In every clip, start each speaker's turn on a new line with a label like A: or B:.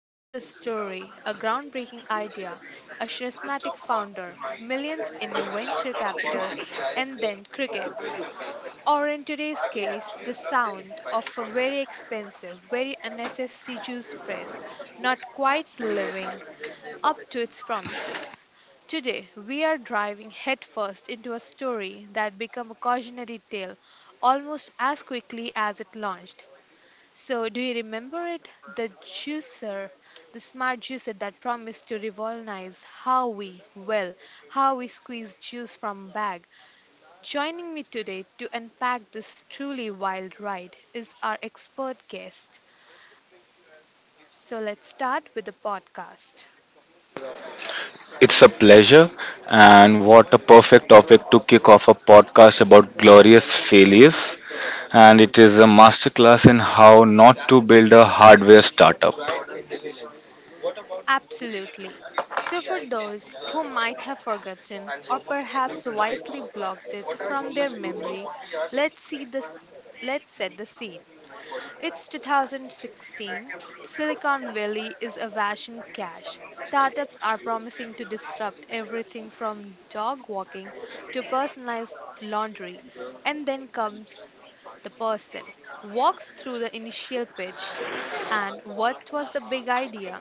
A: you know the story a groundbreaking idea, a charismatic founder, millions in venture capital, and then crickets. Or in today's case, the sound of a very expensive, very unnecessary juice press, not quite living up to its promises. Today, we are driving headfirst into a story that became a cautionary tale almost as quickly as it launched. So, do you remember it? The juicer, the smart juicer that promised to revolutionize how we, well, how we squeeze juice from bag. Joining me today to unpack this truly wild ride is our expert guest. So, let's start with the podcast.
B: It's a pleasure, and what a perfect topic to kick off a podcast about glorious failures. And it is a masterclass in how not to build a hardware startup.
A: Absolutely. So, for those who might have forgotten or perhaps wisely blocked it from their memory, let's see this. Let's set the scene. It's 2016. Silicon Valley is awash in cash. Startups are promising to disrupt everything from dog walking to personalized laundry. And then comes the person, walks through the initial pitch, and what was the big idea?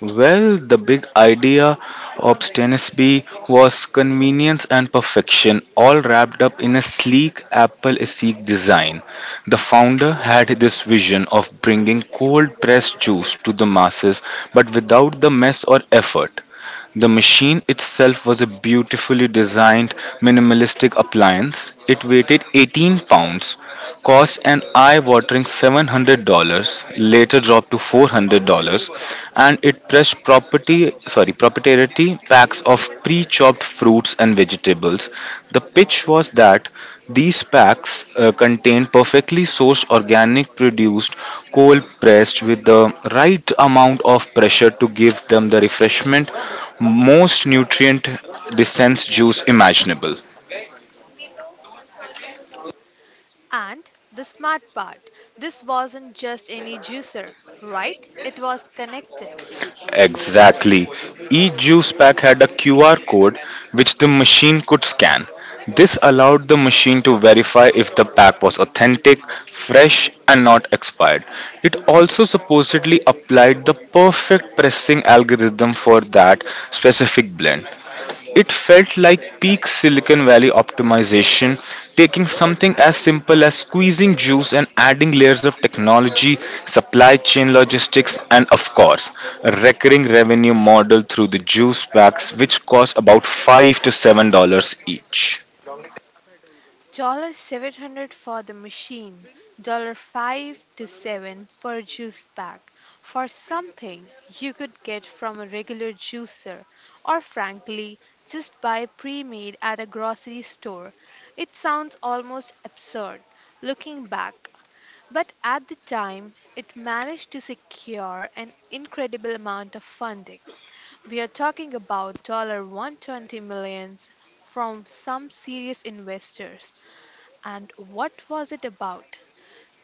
B: Well, the big idea of Stenisby was convenience and perfection, all wrapped up in a sleek Apple Seek design. The founder had this vision of bringing cold pressed juice to the masses, but without the mess or effort. The machine itself was a beautifully designed, minimalistic appliance. It weighted 18 pounds, cost an eye watering $700, later dropped to $400, and it pressed property, sorry, proprietary packs of pre chopped fruits and vegetables. The pitch was that these packs contain perfectly sourced organic produced cold pressed with the right amount of pressure to give them the refreshment most nutrient dense juice imaginable.
A: And the smart part, this wasn't just any juicer, right? It was connected.
B: Exactly. Each juice pack had a QR code which the machine could scan. This allowed the machine to verify if the pack was authentic, fresh, and not expired. It also supposedly applied the perfect pressing algorithm for that specific blend. It felt like peak Silicon Valley optimization, taking something as simple as squeezing juice and adding layers of technology, supply chain logistics, and of course, a recurring revenue model through the juice packs, which cost about 5 to $7 each.
A: 700 for the machine, 5 to 7 per juice bag for something you could get from a regular juicer or frankly just buy pre-made at a grocery store. It sounds almost absurd looking back, but at the time it managed to secure an incredible amount of funding. We are talking about dollar 120 millions from some serious investors. And what was it about,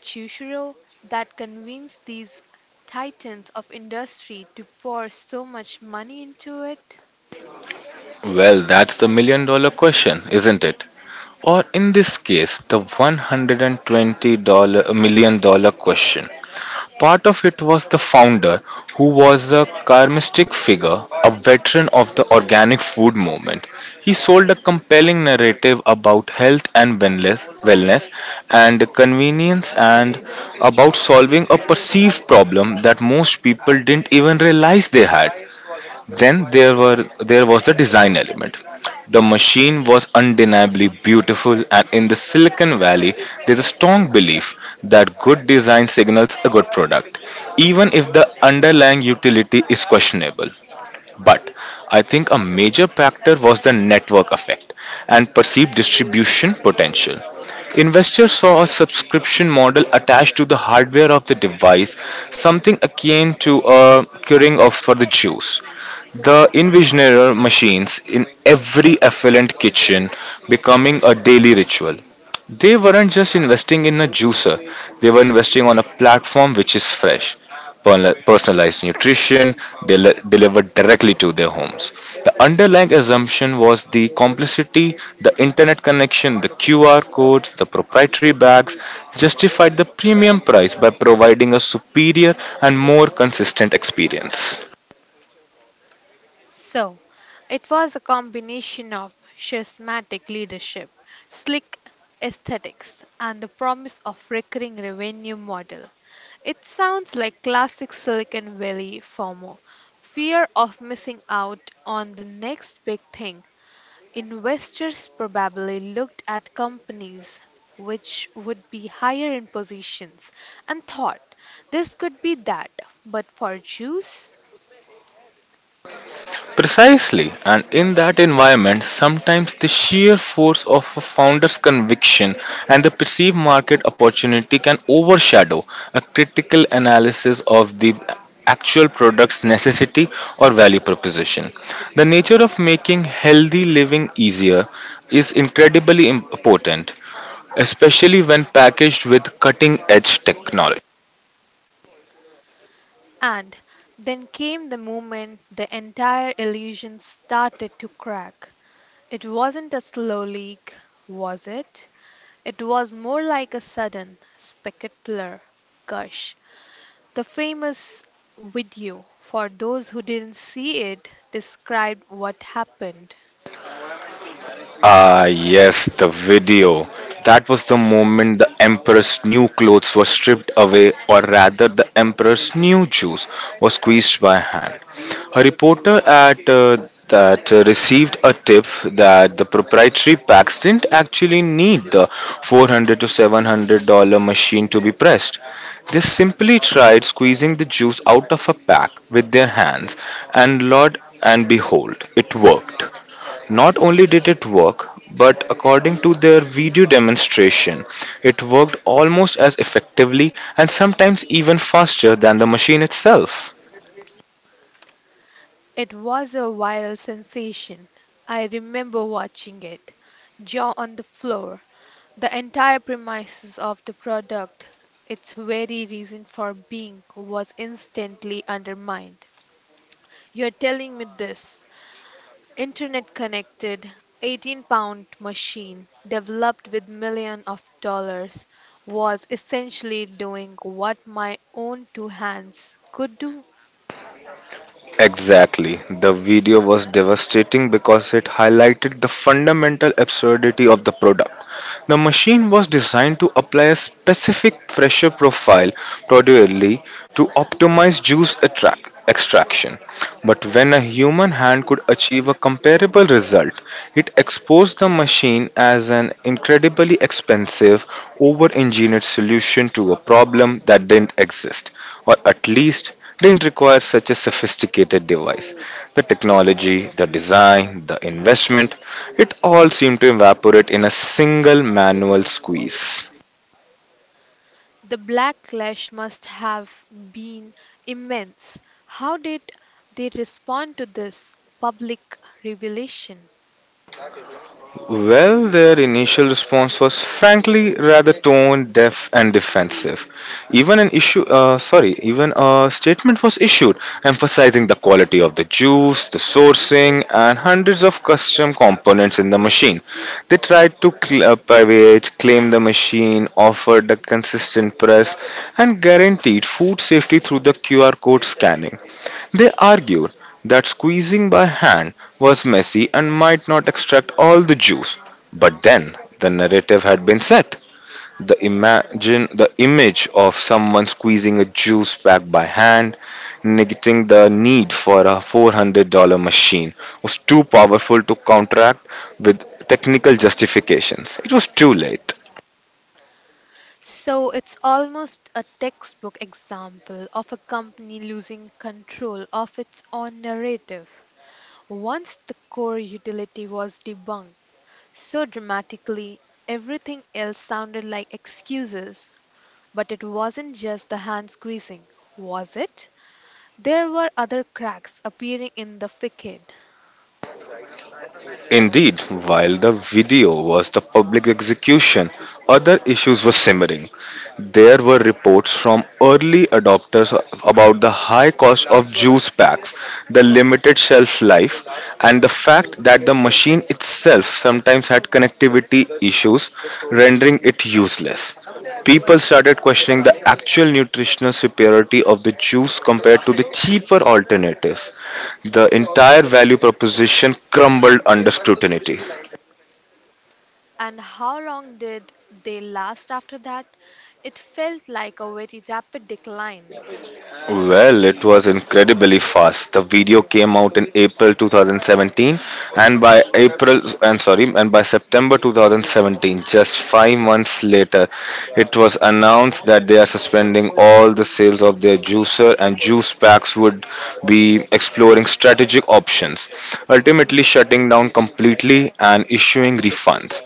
A: Chushiro, that convinced these titans of industry to pour so much money into it?
B: Well, that's the million dollar question, isn't it? Or in this case, the $100 million question. Part of it was the founder, who was a charismatic figure, a veteran of the organic food movement. He sold a compelling narrative about health and wellness and convenience and about solving a perceived problem that most people didn't even realize they had. Then there was the design element. The machine was undeniably beautiful, and in the Silicon Valley, there's a strong belief that good design signals a good product, even if the underlying utility is questionable. But I think a major factor was the network effect and perceived distribution potential. Investors saw a subscription model attached to the hardware of the device, something akin to a curing of for the juice. The Invisioneer machines in every affluent kitchen becoming a daily ritual. They weren't just investing in a juicer, they were investing on a platform which is fresh. Personalized nutrition delivered directly to their homes. The underlying assumption was the complexity, the internet connection, the QR codes, the proprietary bags justified the premium price by providing a superior and more consistent experience.
A: So, it was a combination of charismatic leadership, slick aesthetics, and the promise of recurring revenue model. It sounds like classic Silicon Valley FOMO, fear of missing out on the next big thing. Investors probably looked at companies which would be higher in positions and thought this could be that, but for Jews.
B: Precisely, and in that environment, sometimes the sheer force of a founder's conviction and the perceived market opportunity can overshadow a critical analysis of the actual product's necessity or value proposition. The nature of making healthy living easier is incredibly important, especially when packaged with cutting edge technology.
A: And then came the moment the entire illusion started to crack. It wasn't a slow leak, was it? It was more like a sudden, spectacular gush. The famous video, for those who didn't see it, described what happened.
B: Ah, yes, the video. That was the moment the emperor's new clothes were stripped away, or rather, the emperor's new juice was squeezed by hand. A reporter at that received a tip that the proprietary packs didn't actually need the 400 to $700 machine to be pressed. They simply tried squeezing the juice out of a pack with their hands, and Lord and behold, it worked. Not only did it work, but according to their video demonstration, it worked almost as effectively and sometimes even faster than the machine itself.
A: It was a viral sensation. I remember watching it, jaw on the floor. The entire premises of the product, its very reason for being, was instantly undermined. You're telling me this internet connected 18 pound machine developed with millions of dollars was essentially doing what my own two hands could do?
B: Exactly. The video was devastating because it highlighted the fundamental absurdity of the product. The machine was designed to apply a specific pressure profile procedurally to optimize juice attract extraction. But when a human hand could achieve a comparable result, it exposed the machine as an incredibly expensive, over engineered solution to a problem that didn't exist, or at least didn't require such a sophisticated device. The technology, the design, the investment, it all seemed to evaporate in a single manual squeeze.
A: The backlash must have been immense. How did they respond to this public revelation?
B: Well, their initial response was frankly rather tone deaf and defensive. Even a statement was issued emphasizing the quality of the juice, the sourcing, and hundreds of custom components in the machine. They tried to claim the machine offered a consistent press, and guaranteed food safety through the QR code scanning. They argued that squeezing by hand was messy and might not extract all the juice. But then the narrative had been set. The imagine the image of someone squeezing a juice pack by hand, negating the need for a $400 machine, was too powerful to counteract with technical justifications. It was too late.
A: So it's almost a textbook example of a company losing control of its own narrative. Once the core utility was debunked so dramatically, everything else sounded like excuses. But it wasn't just the hand squeezing, was it? There were other cracks appearing in the facade.
B: Indeed, while the video was the public execution, other issues were simmering. There were reports from early adopters about the high cost of juice packs, the limited shelf life, and the fact that the machine itself sometimes had connectivity issues, rendering it useless. People started questioning the actual nutritional superiority of the juice compared to the cheaper alternatives. The entire value proposition crumbled under scrutiny.
A: And how long did they last after that? It felt like a very rapid decline.
B: Well, it was incredibly fast. The video came out in April 2017, and by September 2017, just 5 months later, it was announced that they are suspending all the sales of their juicer, and juice packs would be exploring strategic options, ultimately shutting down completely and issuing refunds.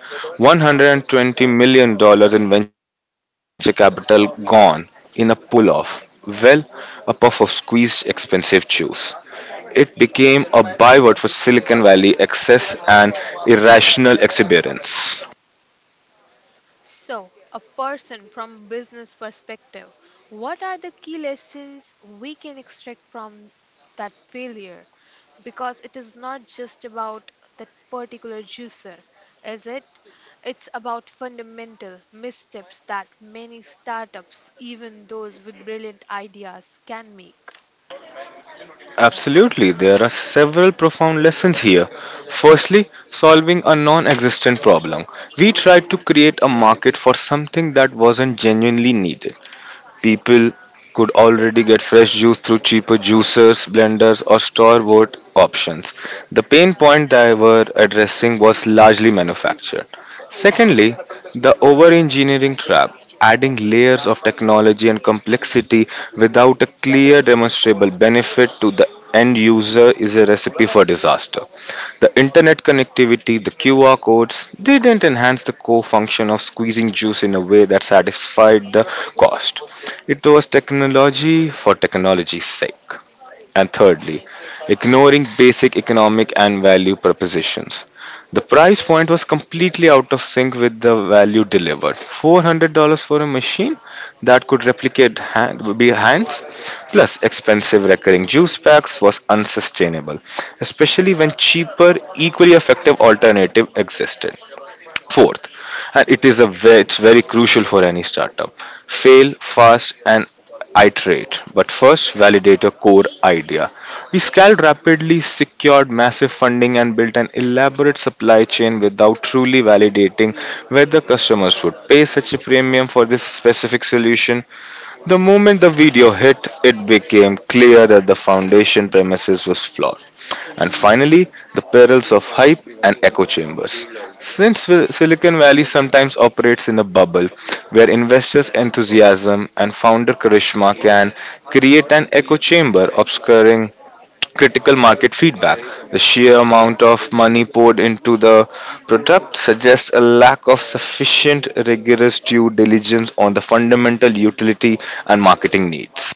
B: $120 million in venture capital gone in a puff of squeezed expensive juice. It became a byword for Silicon Valley excess and irrational exuberance.
A: So, a person from business perspective, what are the key lessons we can extract from that failure? Because it is not just about that particular juicer, is it? It's about fundamental missteps that many startups, even those with brilliant ideas, can make.
B: Absolutely, there are several profound lessons here. Firstly, solving a non existent problem. We tried to create a market for something that wasn't genuinely needed. People could already get fresh juice through cheaper juicers, blenders, or store bought options. The pain point they were addressing was largely manufactured. Secondly, the over engineering trap, adding layers of technology and complexity without a clear demonstrable benefit to the end user, is a recipe for disaster. The internet connectivity, the QR codes, they didn't enhance the core function of squeezing juice in a way that satisfied the cost. It was technology for technology's sake. And thirdly, ignoring basic economic and value propositions. The price point was completely out of sync with the value delivered. $400 for a machine that could replicate hands, plus expensive recurring juice packs was unsustainable, especially when cheaper, equally effective alternative existed. Fourth, and it is it's very crucial for any startup, fail fast and iterate, but first validate your core idea. We scaled rapidly, secured massive funding, and built an elaborate supply chain without truly validating whether customers would pay such a premium for this specific solution. The moment the video hit, it became clear that the foundation premises was flawed. And finally, the perils of hype and echo chambers. Since Silicon Valley sometimes operates in a bubble where investors' enthusiasm and founder charisma can create an echo chamber obscuring critical market feedback, the sheer amount of money poured into the product suggests a lack of sufficient rigorous due diligence on the fundamental utility and marketing needs.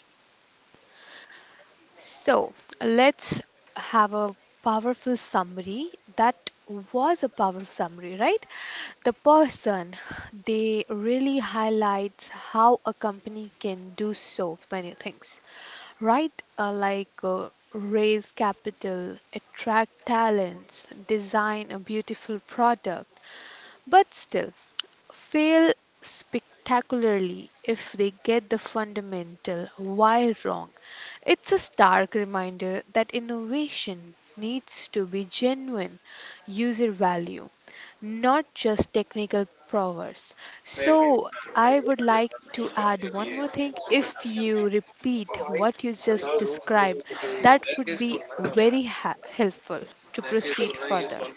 A: So let's have a powerful summary. That was a powerful summary, right? The person they really highlights how a company can do so many things, right? Like raise capital, attract talents, design a beautiful product, but still fail spectacularly if they get the fundamental why wrong. It's a stark reminder that innovation needs to be genuine user value, not just technical prowess. So, I would like to add one more thing. If you repeat what you just described, that would be very helpful to proceed further.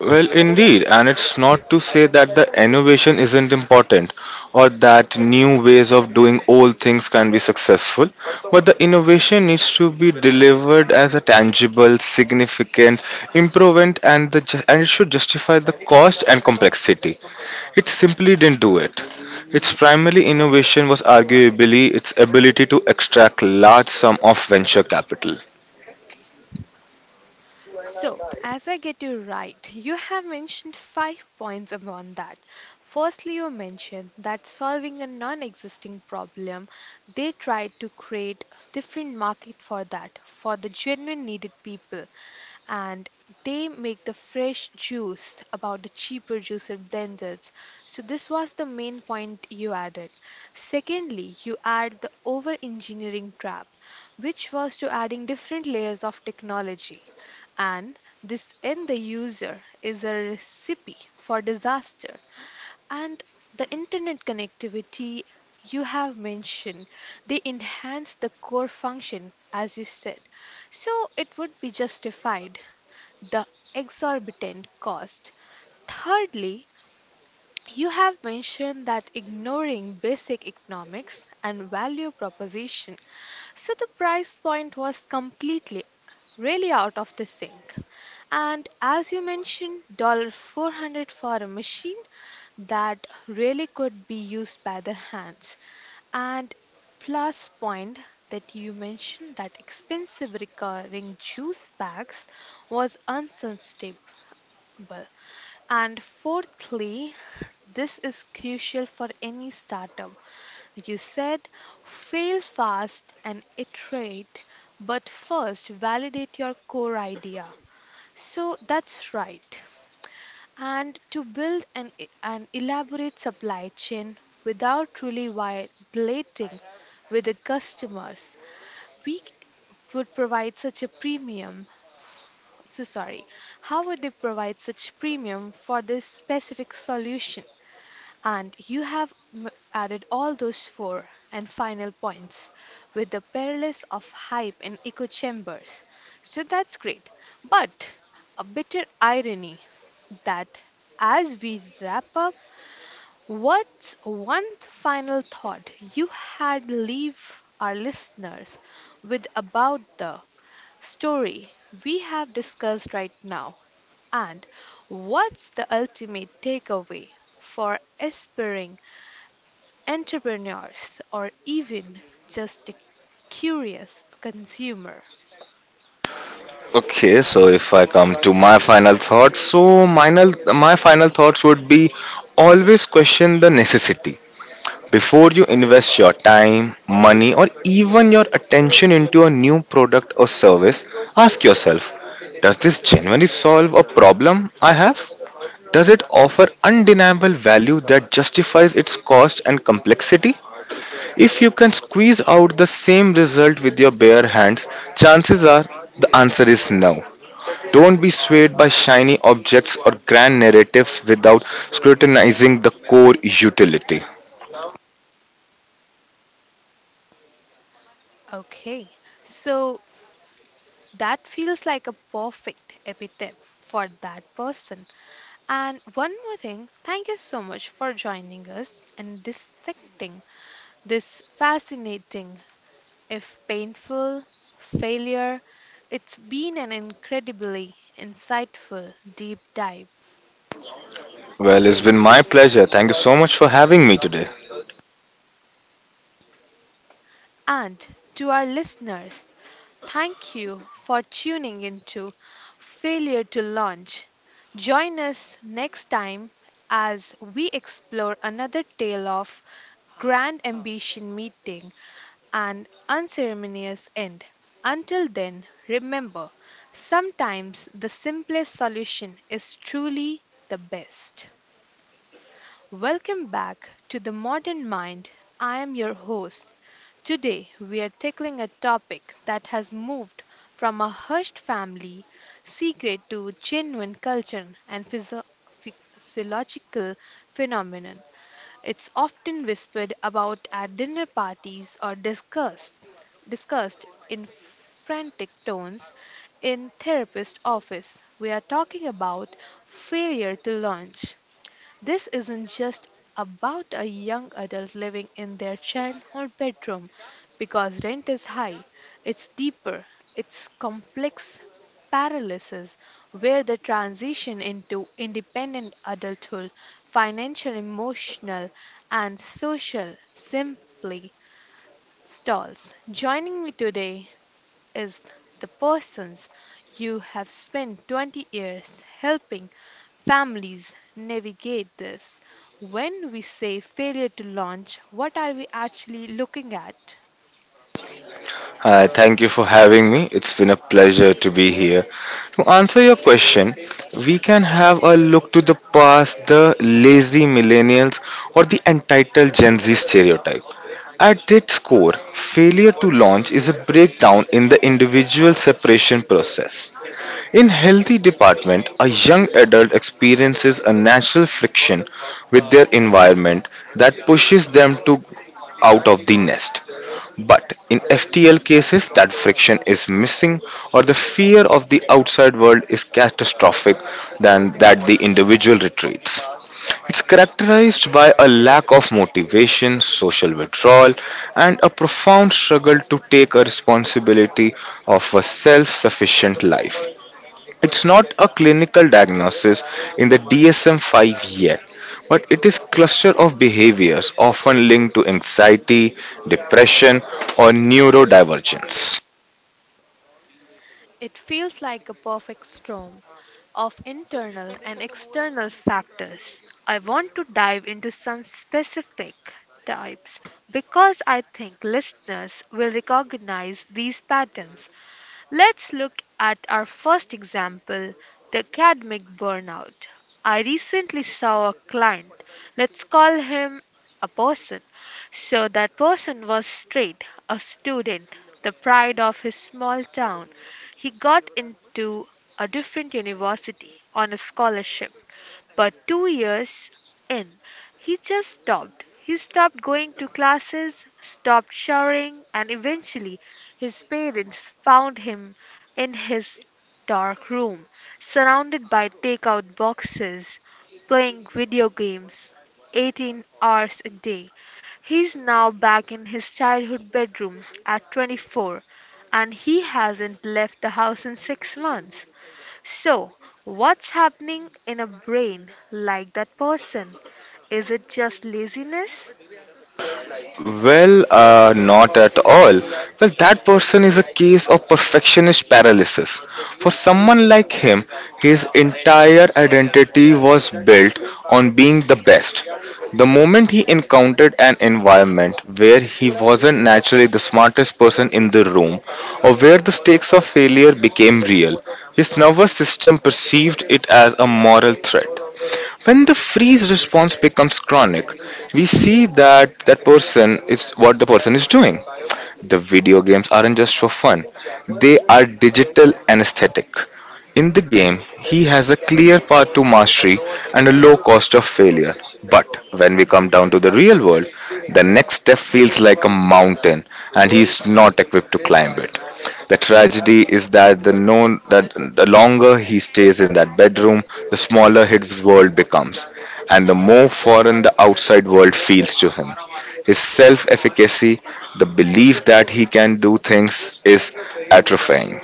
B: Well, indeed, and it's not to say that the innovation isn't important or that new ways of doing old things can be successful, but the innovation needs to be delivered as a tangible, significant improvement, and it should justify the cost and complexity. It simply didn't do it. Its primary innovation was arguably its ability to extract large sum of venture capital.
A: So, as I get you right, you have mentioned five points upon that. Firstly, you mentioned that solving a non existing problem, they tried to create a different market for that, for the genuine needed people and they make the fresh juice about the cheaper juicer blenders. So this was the main point you added. Secondly, you add the over engineering trap, which was to adding different layers of technology. And this in the user is a recipe for disaster. And the internet connectivity you have mentioned, they enhance the core function as you said. So it would be justified the exorbitant cost. Thirdly, you have mentioned that ignoring basic economics and value proposition, so the price point was completely really out of the sync. And as you mentioned, 400 for a machine that really could be used by the hands. And plus point that you mentioned that expensive recurring juice bags was unsustainable simple. And fourthly, this is crucial for any startup. You said fail fast and iterate, but first validate your core idea. So that's right. And to build an elaborate supply chain without really violating with the customers, we would provide such a premium so sorry. How would they provide such premium for this specific solution? And you have added all those four and final points with the perils of hype and echo chambers. So that's great. But a bitter irony that as we wrap up, what's one final thought you had leave our listeners with about the story we have discussed right now? And what's the ultimate takeaway for aspiring entrepreneurs or even just a curious consumer?
B: Okay, so if I come to my final thoughts, so my, my final thoughts would be always question the necessity. Before you invest your time, money, or even your attention into a new product or service, ask yourself, does this genuinely solve a problem I have? Does it offer undeniable value that justifies its cost and complexity? If you can squeeze out the same result with your bare hands, chances are the answer is no. Don't be swayed by shiny objects or grand narratives without scrutinizing the core utility.
A: Okay, so that feels like a perfect epithet for that person. And one more thing, thank you so much for joining us and dissecting this fascinating, if painful, failure. It's been an incredibly insightful deep dive.
B: Well, it's been my pleasure. Thank you so much for having me today.
A: And to our listeners, thank you for tuning into Failure to Launch. Join us next time as we explore another tale of grand ambition meeting an unceremonious end. Until then, remember sometimes the simplest solution is truly the best. Welcome back to the Modern Mind. I am your host. Today, we are tackling a topic that has moved from a hushed family secret to genuine culture and physiological phenomenon. It's often whispered about at dinner parties or discussed in frantic tones in therapist office. We are talking about failure to launch. This isn't just about a young adult living in their childhood bedroom because rent is high. It's deeper, it's complex paralysis where the transition into independent adulthood, financial, emotional, and social, simply stalls. Joining me today is the persons you have spent 20 years helping families navigate this. When we say failure to launch, what are we actually looking at?
B: Hi, thank you for having me. It's been a pleasure to be here. To answer your question, we can have a look to the past, the lazy millennials, or the entitled Gen Z stereotype. At its core, failure to launch is a breakdown in the individual separation process. In healthy department, a young adult experiences a natural friction with their environment that pushes them to out of the nest. But in FTL cases, that friction is missing or the fear of the outside world is catastrophic than that the individual retreats. It's characterized by a lack of motivation, social withdrawal, and a profound struggle to take a responsibility of a self sufficient life. It's not a clinical diagnosis in the DSM-5 yet, but it is cluster of behaviors often linked to anxiety, depression, or neurodivergence.
A: It feels like a perfect storm of internal and external factors. I want to dive into some specific types because I think listeners will recognize these patterns. Let's look at our first example, the academic burnout. I recently saw a client, let's call him a person. So, that person was straight, a student, the pride of his small town. He got into a different university on a scholarship. But two years in, he just stopped. He stopped going to classes, stopped showering, and eventually his parents found him in his dark room, surrounded by takeout boxes, playing video games 18 hours a day. He's now back in his childhood bedroom at 24, and he hasn't left the house in six months. So, what's happening in a brain like that person? Is it just laziness?
B: Well, not at all. Well, that person is a case of perfectionist paralysis. For someone like him, his entire identity was built on being the best. The moment he encountered an environment where he wasn't naturally the smartest person in the room or where the stakes of failure became real, his nervous system perceived it as a moral threat. When the freeze response becomes chronic, we see that that person is what the person is doing the video games aren't just for fun, they are digital anesthetic. In the game, he has a clear path to mastery and a low cost of failure. But when we come down to the real world, the next step feels like a mountain and he is not equipped to climb it. The tragedy is that the known that the longer he stays in that bedroom, the smaller his world becomes and the more foreign the outside world feels to him. His self efficacy, the belief that he can do things, is atrophying.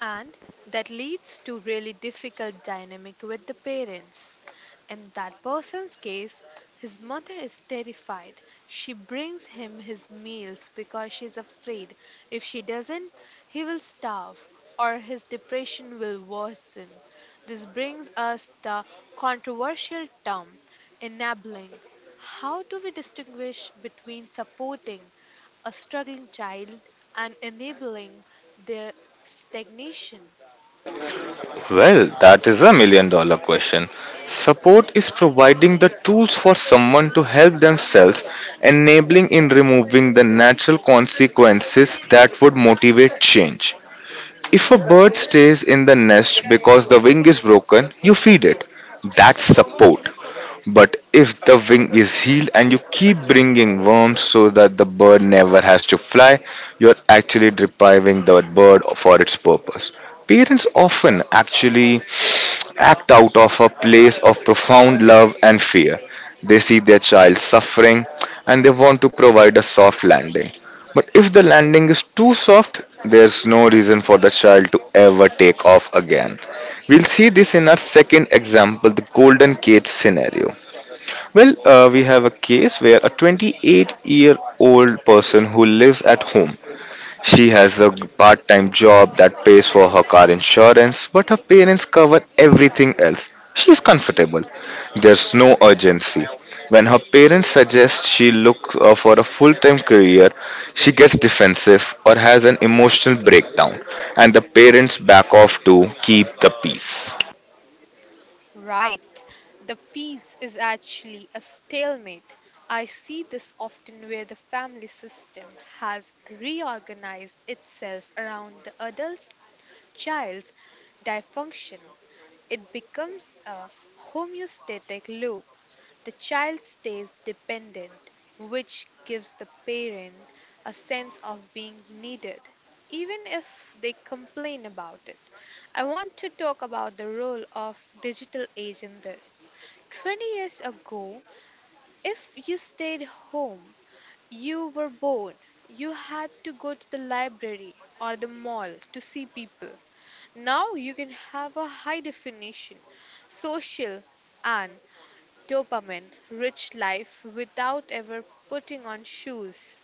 A: And that leads to really difficult dynamic with the parents in that person's case. His mother is terrified. She brings him his meals because she's afraid if she doesn't he will starve or his depression will worsen. This brings us the controversial term enabling. How do we distinguish between supporting a struggling child, and enabling their stagnation.
B: Well, that is a million dollar question. Support is providing the tools for someone to help themselves, enabling in removing the natural consequences that would motivate change. If a bird stays in the nest because the wing is broken, you feed it. That's support. But if the wing is healed and you keep bringing worms so that the bird never has to fly, you're actually depriving the bird for its purpose. Parents often actually act out of a place of profound love and fear. They see their child suffering and they want to provide a soft landing. But if the landing is too soft, there's no reason for the child to ever take off again. We'll see this in our second example, the golden cage scenario. We have a case where a 28-year-old person who lives at home. She has a part time job that pays for her car insurance, but her parents cover everything else. She's comfortable. There's no urgency. When her parents suggest she look for a full time career, she gets defensive or has an emotional breakdown, and the parents back off to keep the peace.
A: Right. The peace is actually a stalemate. I see this often where the family system has reorganized itself around the adult child's dysfunction. It becomes a homeostatic loop. The child stays dependent, which gives the parent a sense of being needed, even if they complain about it. I want to talk about the role of digital age in this. 20 years ago, if you stayed home, you were bored. You had to go to the library or the mall to see people. Now you can have a high definition, social, and dopamine rich life without ever putting on shoes.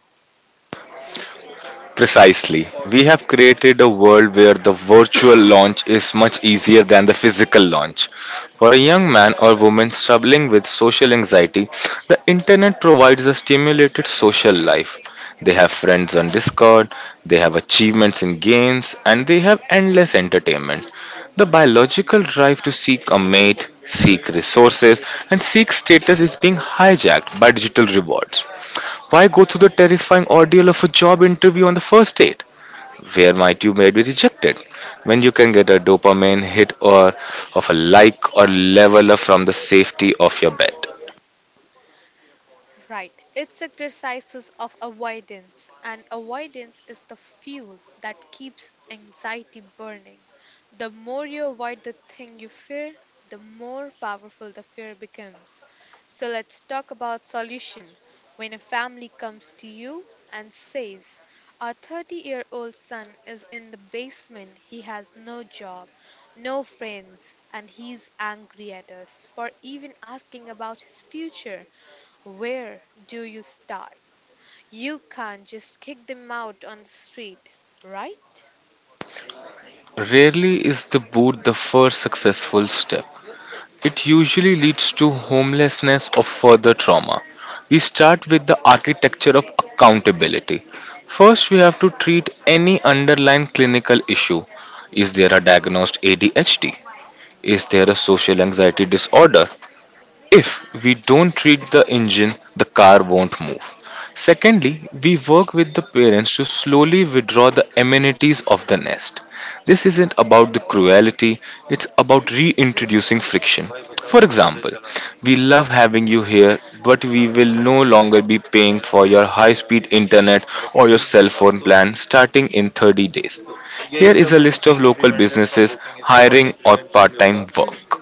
B: Precisely. We have created a world where the virtual launch is much easier than the physical launch. For a young man or woman struggling with social anxiety, the internet provides a stimulated social life. They have friends on Discord, they have achievements in games, and they have endless entertainment. The biological drive to seek a mate, seek resources, and seek status is being hijacked by digital rewards. Why go through the terrifying ordeal of a job interview on the first date, where might you may be rejected, when you can get a dopamine hit or of a like or leveler from the safety of your bed?
A: Right. It's a of avoidance, and avoidance is the fuel that keeps anxiety burning. The more you avoid the thing you fear, the more powerful the fear becomes. So let's talk about solution. When a family comes to you and says, "Our 30-year-old son is in the basement. He has no job, no friends, and he's angry at us for even asking about his future." Where do you start? You can't just kick them out on the street, right?
B: Rarely is the boot the first successful step. It usually leads to homelessness or further trauma. We start with the architecture of accountability. First, we have to treat any underlying clinical issue. Is there a diagnosed ADHD? Is there a social anxiety disorder? If we don't treat the engine, the car won't move. Secondly, we work with the parents to slowly withdraw the amenities of the nest. This isn't about the cruelty, it's about reintroducing friction. For example, we love having you here, but we will no longer be paying for your high speed internet or your cell phone plan starting in 30 days. Here is a list of local businesses hiring or part time work.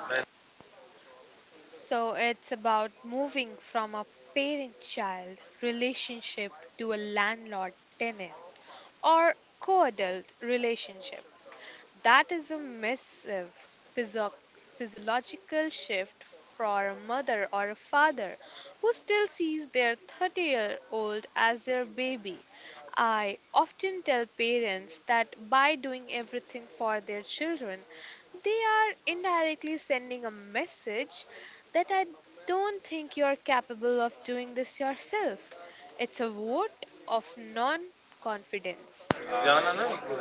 A: So it's about moving from a parent child relationship to a landlord tenant or co adult relationship. That is a massive physio- physiological shift for a mother or a father who still sees their 30-year-old as their baby. I often tell parents that by doing everything for their children, they are indirectly sending a message that I don't think you're capable of doing this yourself. It's a vote of non confidence.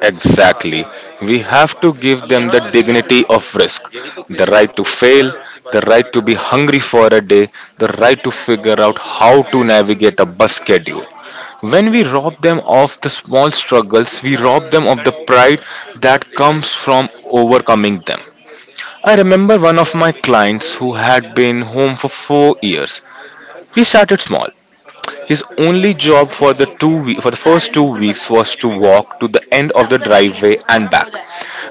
B: Exactly. We have to give them the dignity of risk, the right to fail, the right to be hungry for a day, the right to figure out how to navigate a bus schedule. When we rob them of the small struggles, we rob them of the pride that comes from overcoming them. I remember one of my clients who had been home for 4 years. We started small. His only job for for the first 2 weeks was to walk to the end of the driveway and back,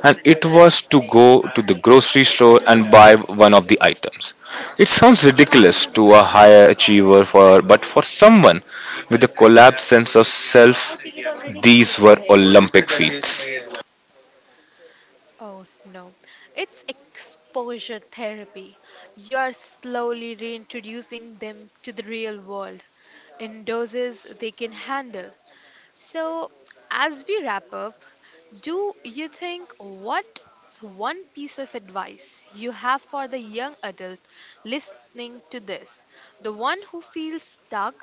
B: and it was to go to the grocery store and buy one of the items. It sounds ridiculous to a higher achiever for, but for someone with a collapsed sense of self, these were Olympic feats.
A: Oh no, it's exposure therapy. You're slowly reintroducing them to the real world in doses they can handle. So, as we wrap up, do you think what's one piece of advice you have for the young adult listening to this? The one who feels stuck,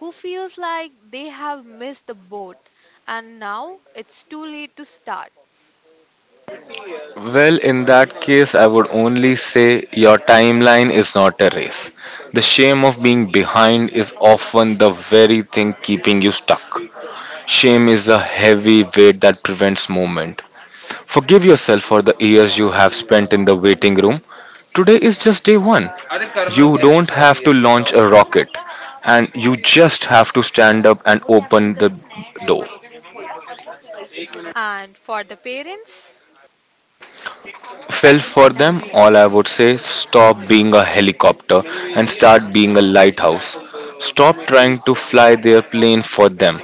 A: who feels like they have missed the boat, and now it's too late to start.
B: Well, in that case, I would only say your timeline is not a race. The shame of being behind is often the very thing keeping you stuck. Shame is a heavy weight that prevents movement. Forgive yourself for the years you have spent in the waiting room. Today is just day one. You don't have to launch a rocket, and you just have to stand up and open the door.
A: And for the parents,
B: Felt for them, all I would say stop being a helicopter and start being a lighthouse. Stop trying to fly their plane for them.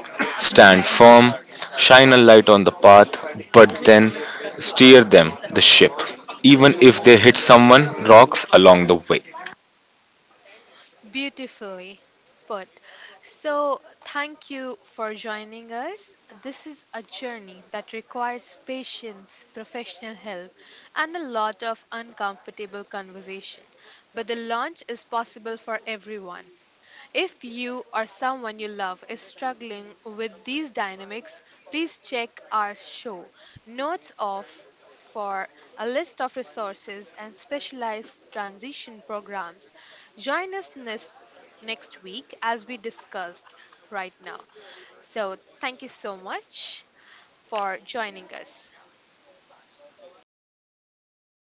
B: Stand firm, shine a light on the path, but then steer them the ship, even if they hit someone, rocks along the way.
A: beautifully put. So, thank you for joining us. This is a journey that requires patience, professional help, and a lot of uncomfortable conversation. But the launch is possible for everyone. If you or someone you love is struggling with these dynamics, please check our show notes off for a list of resources and specialized transition programs. Join us next week as we discussed right now. So, thank you so much for joining us.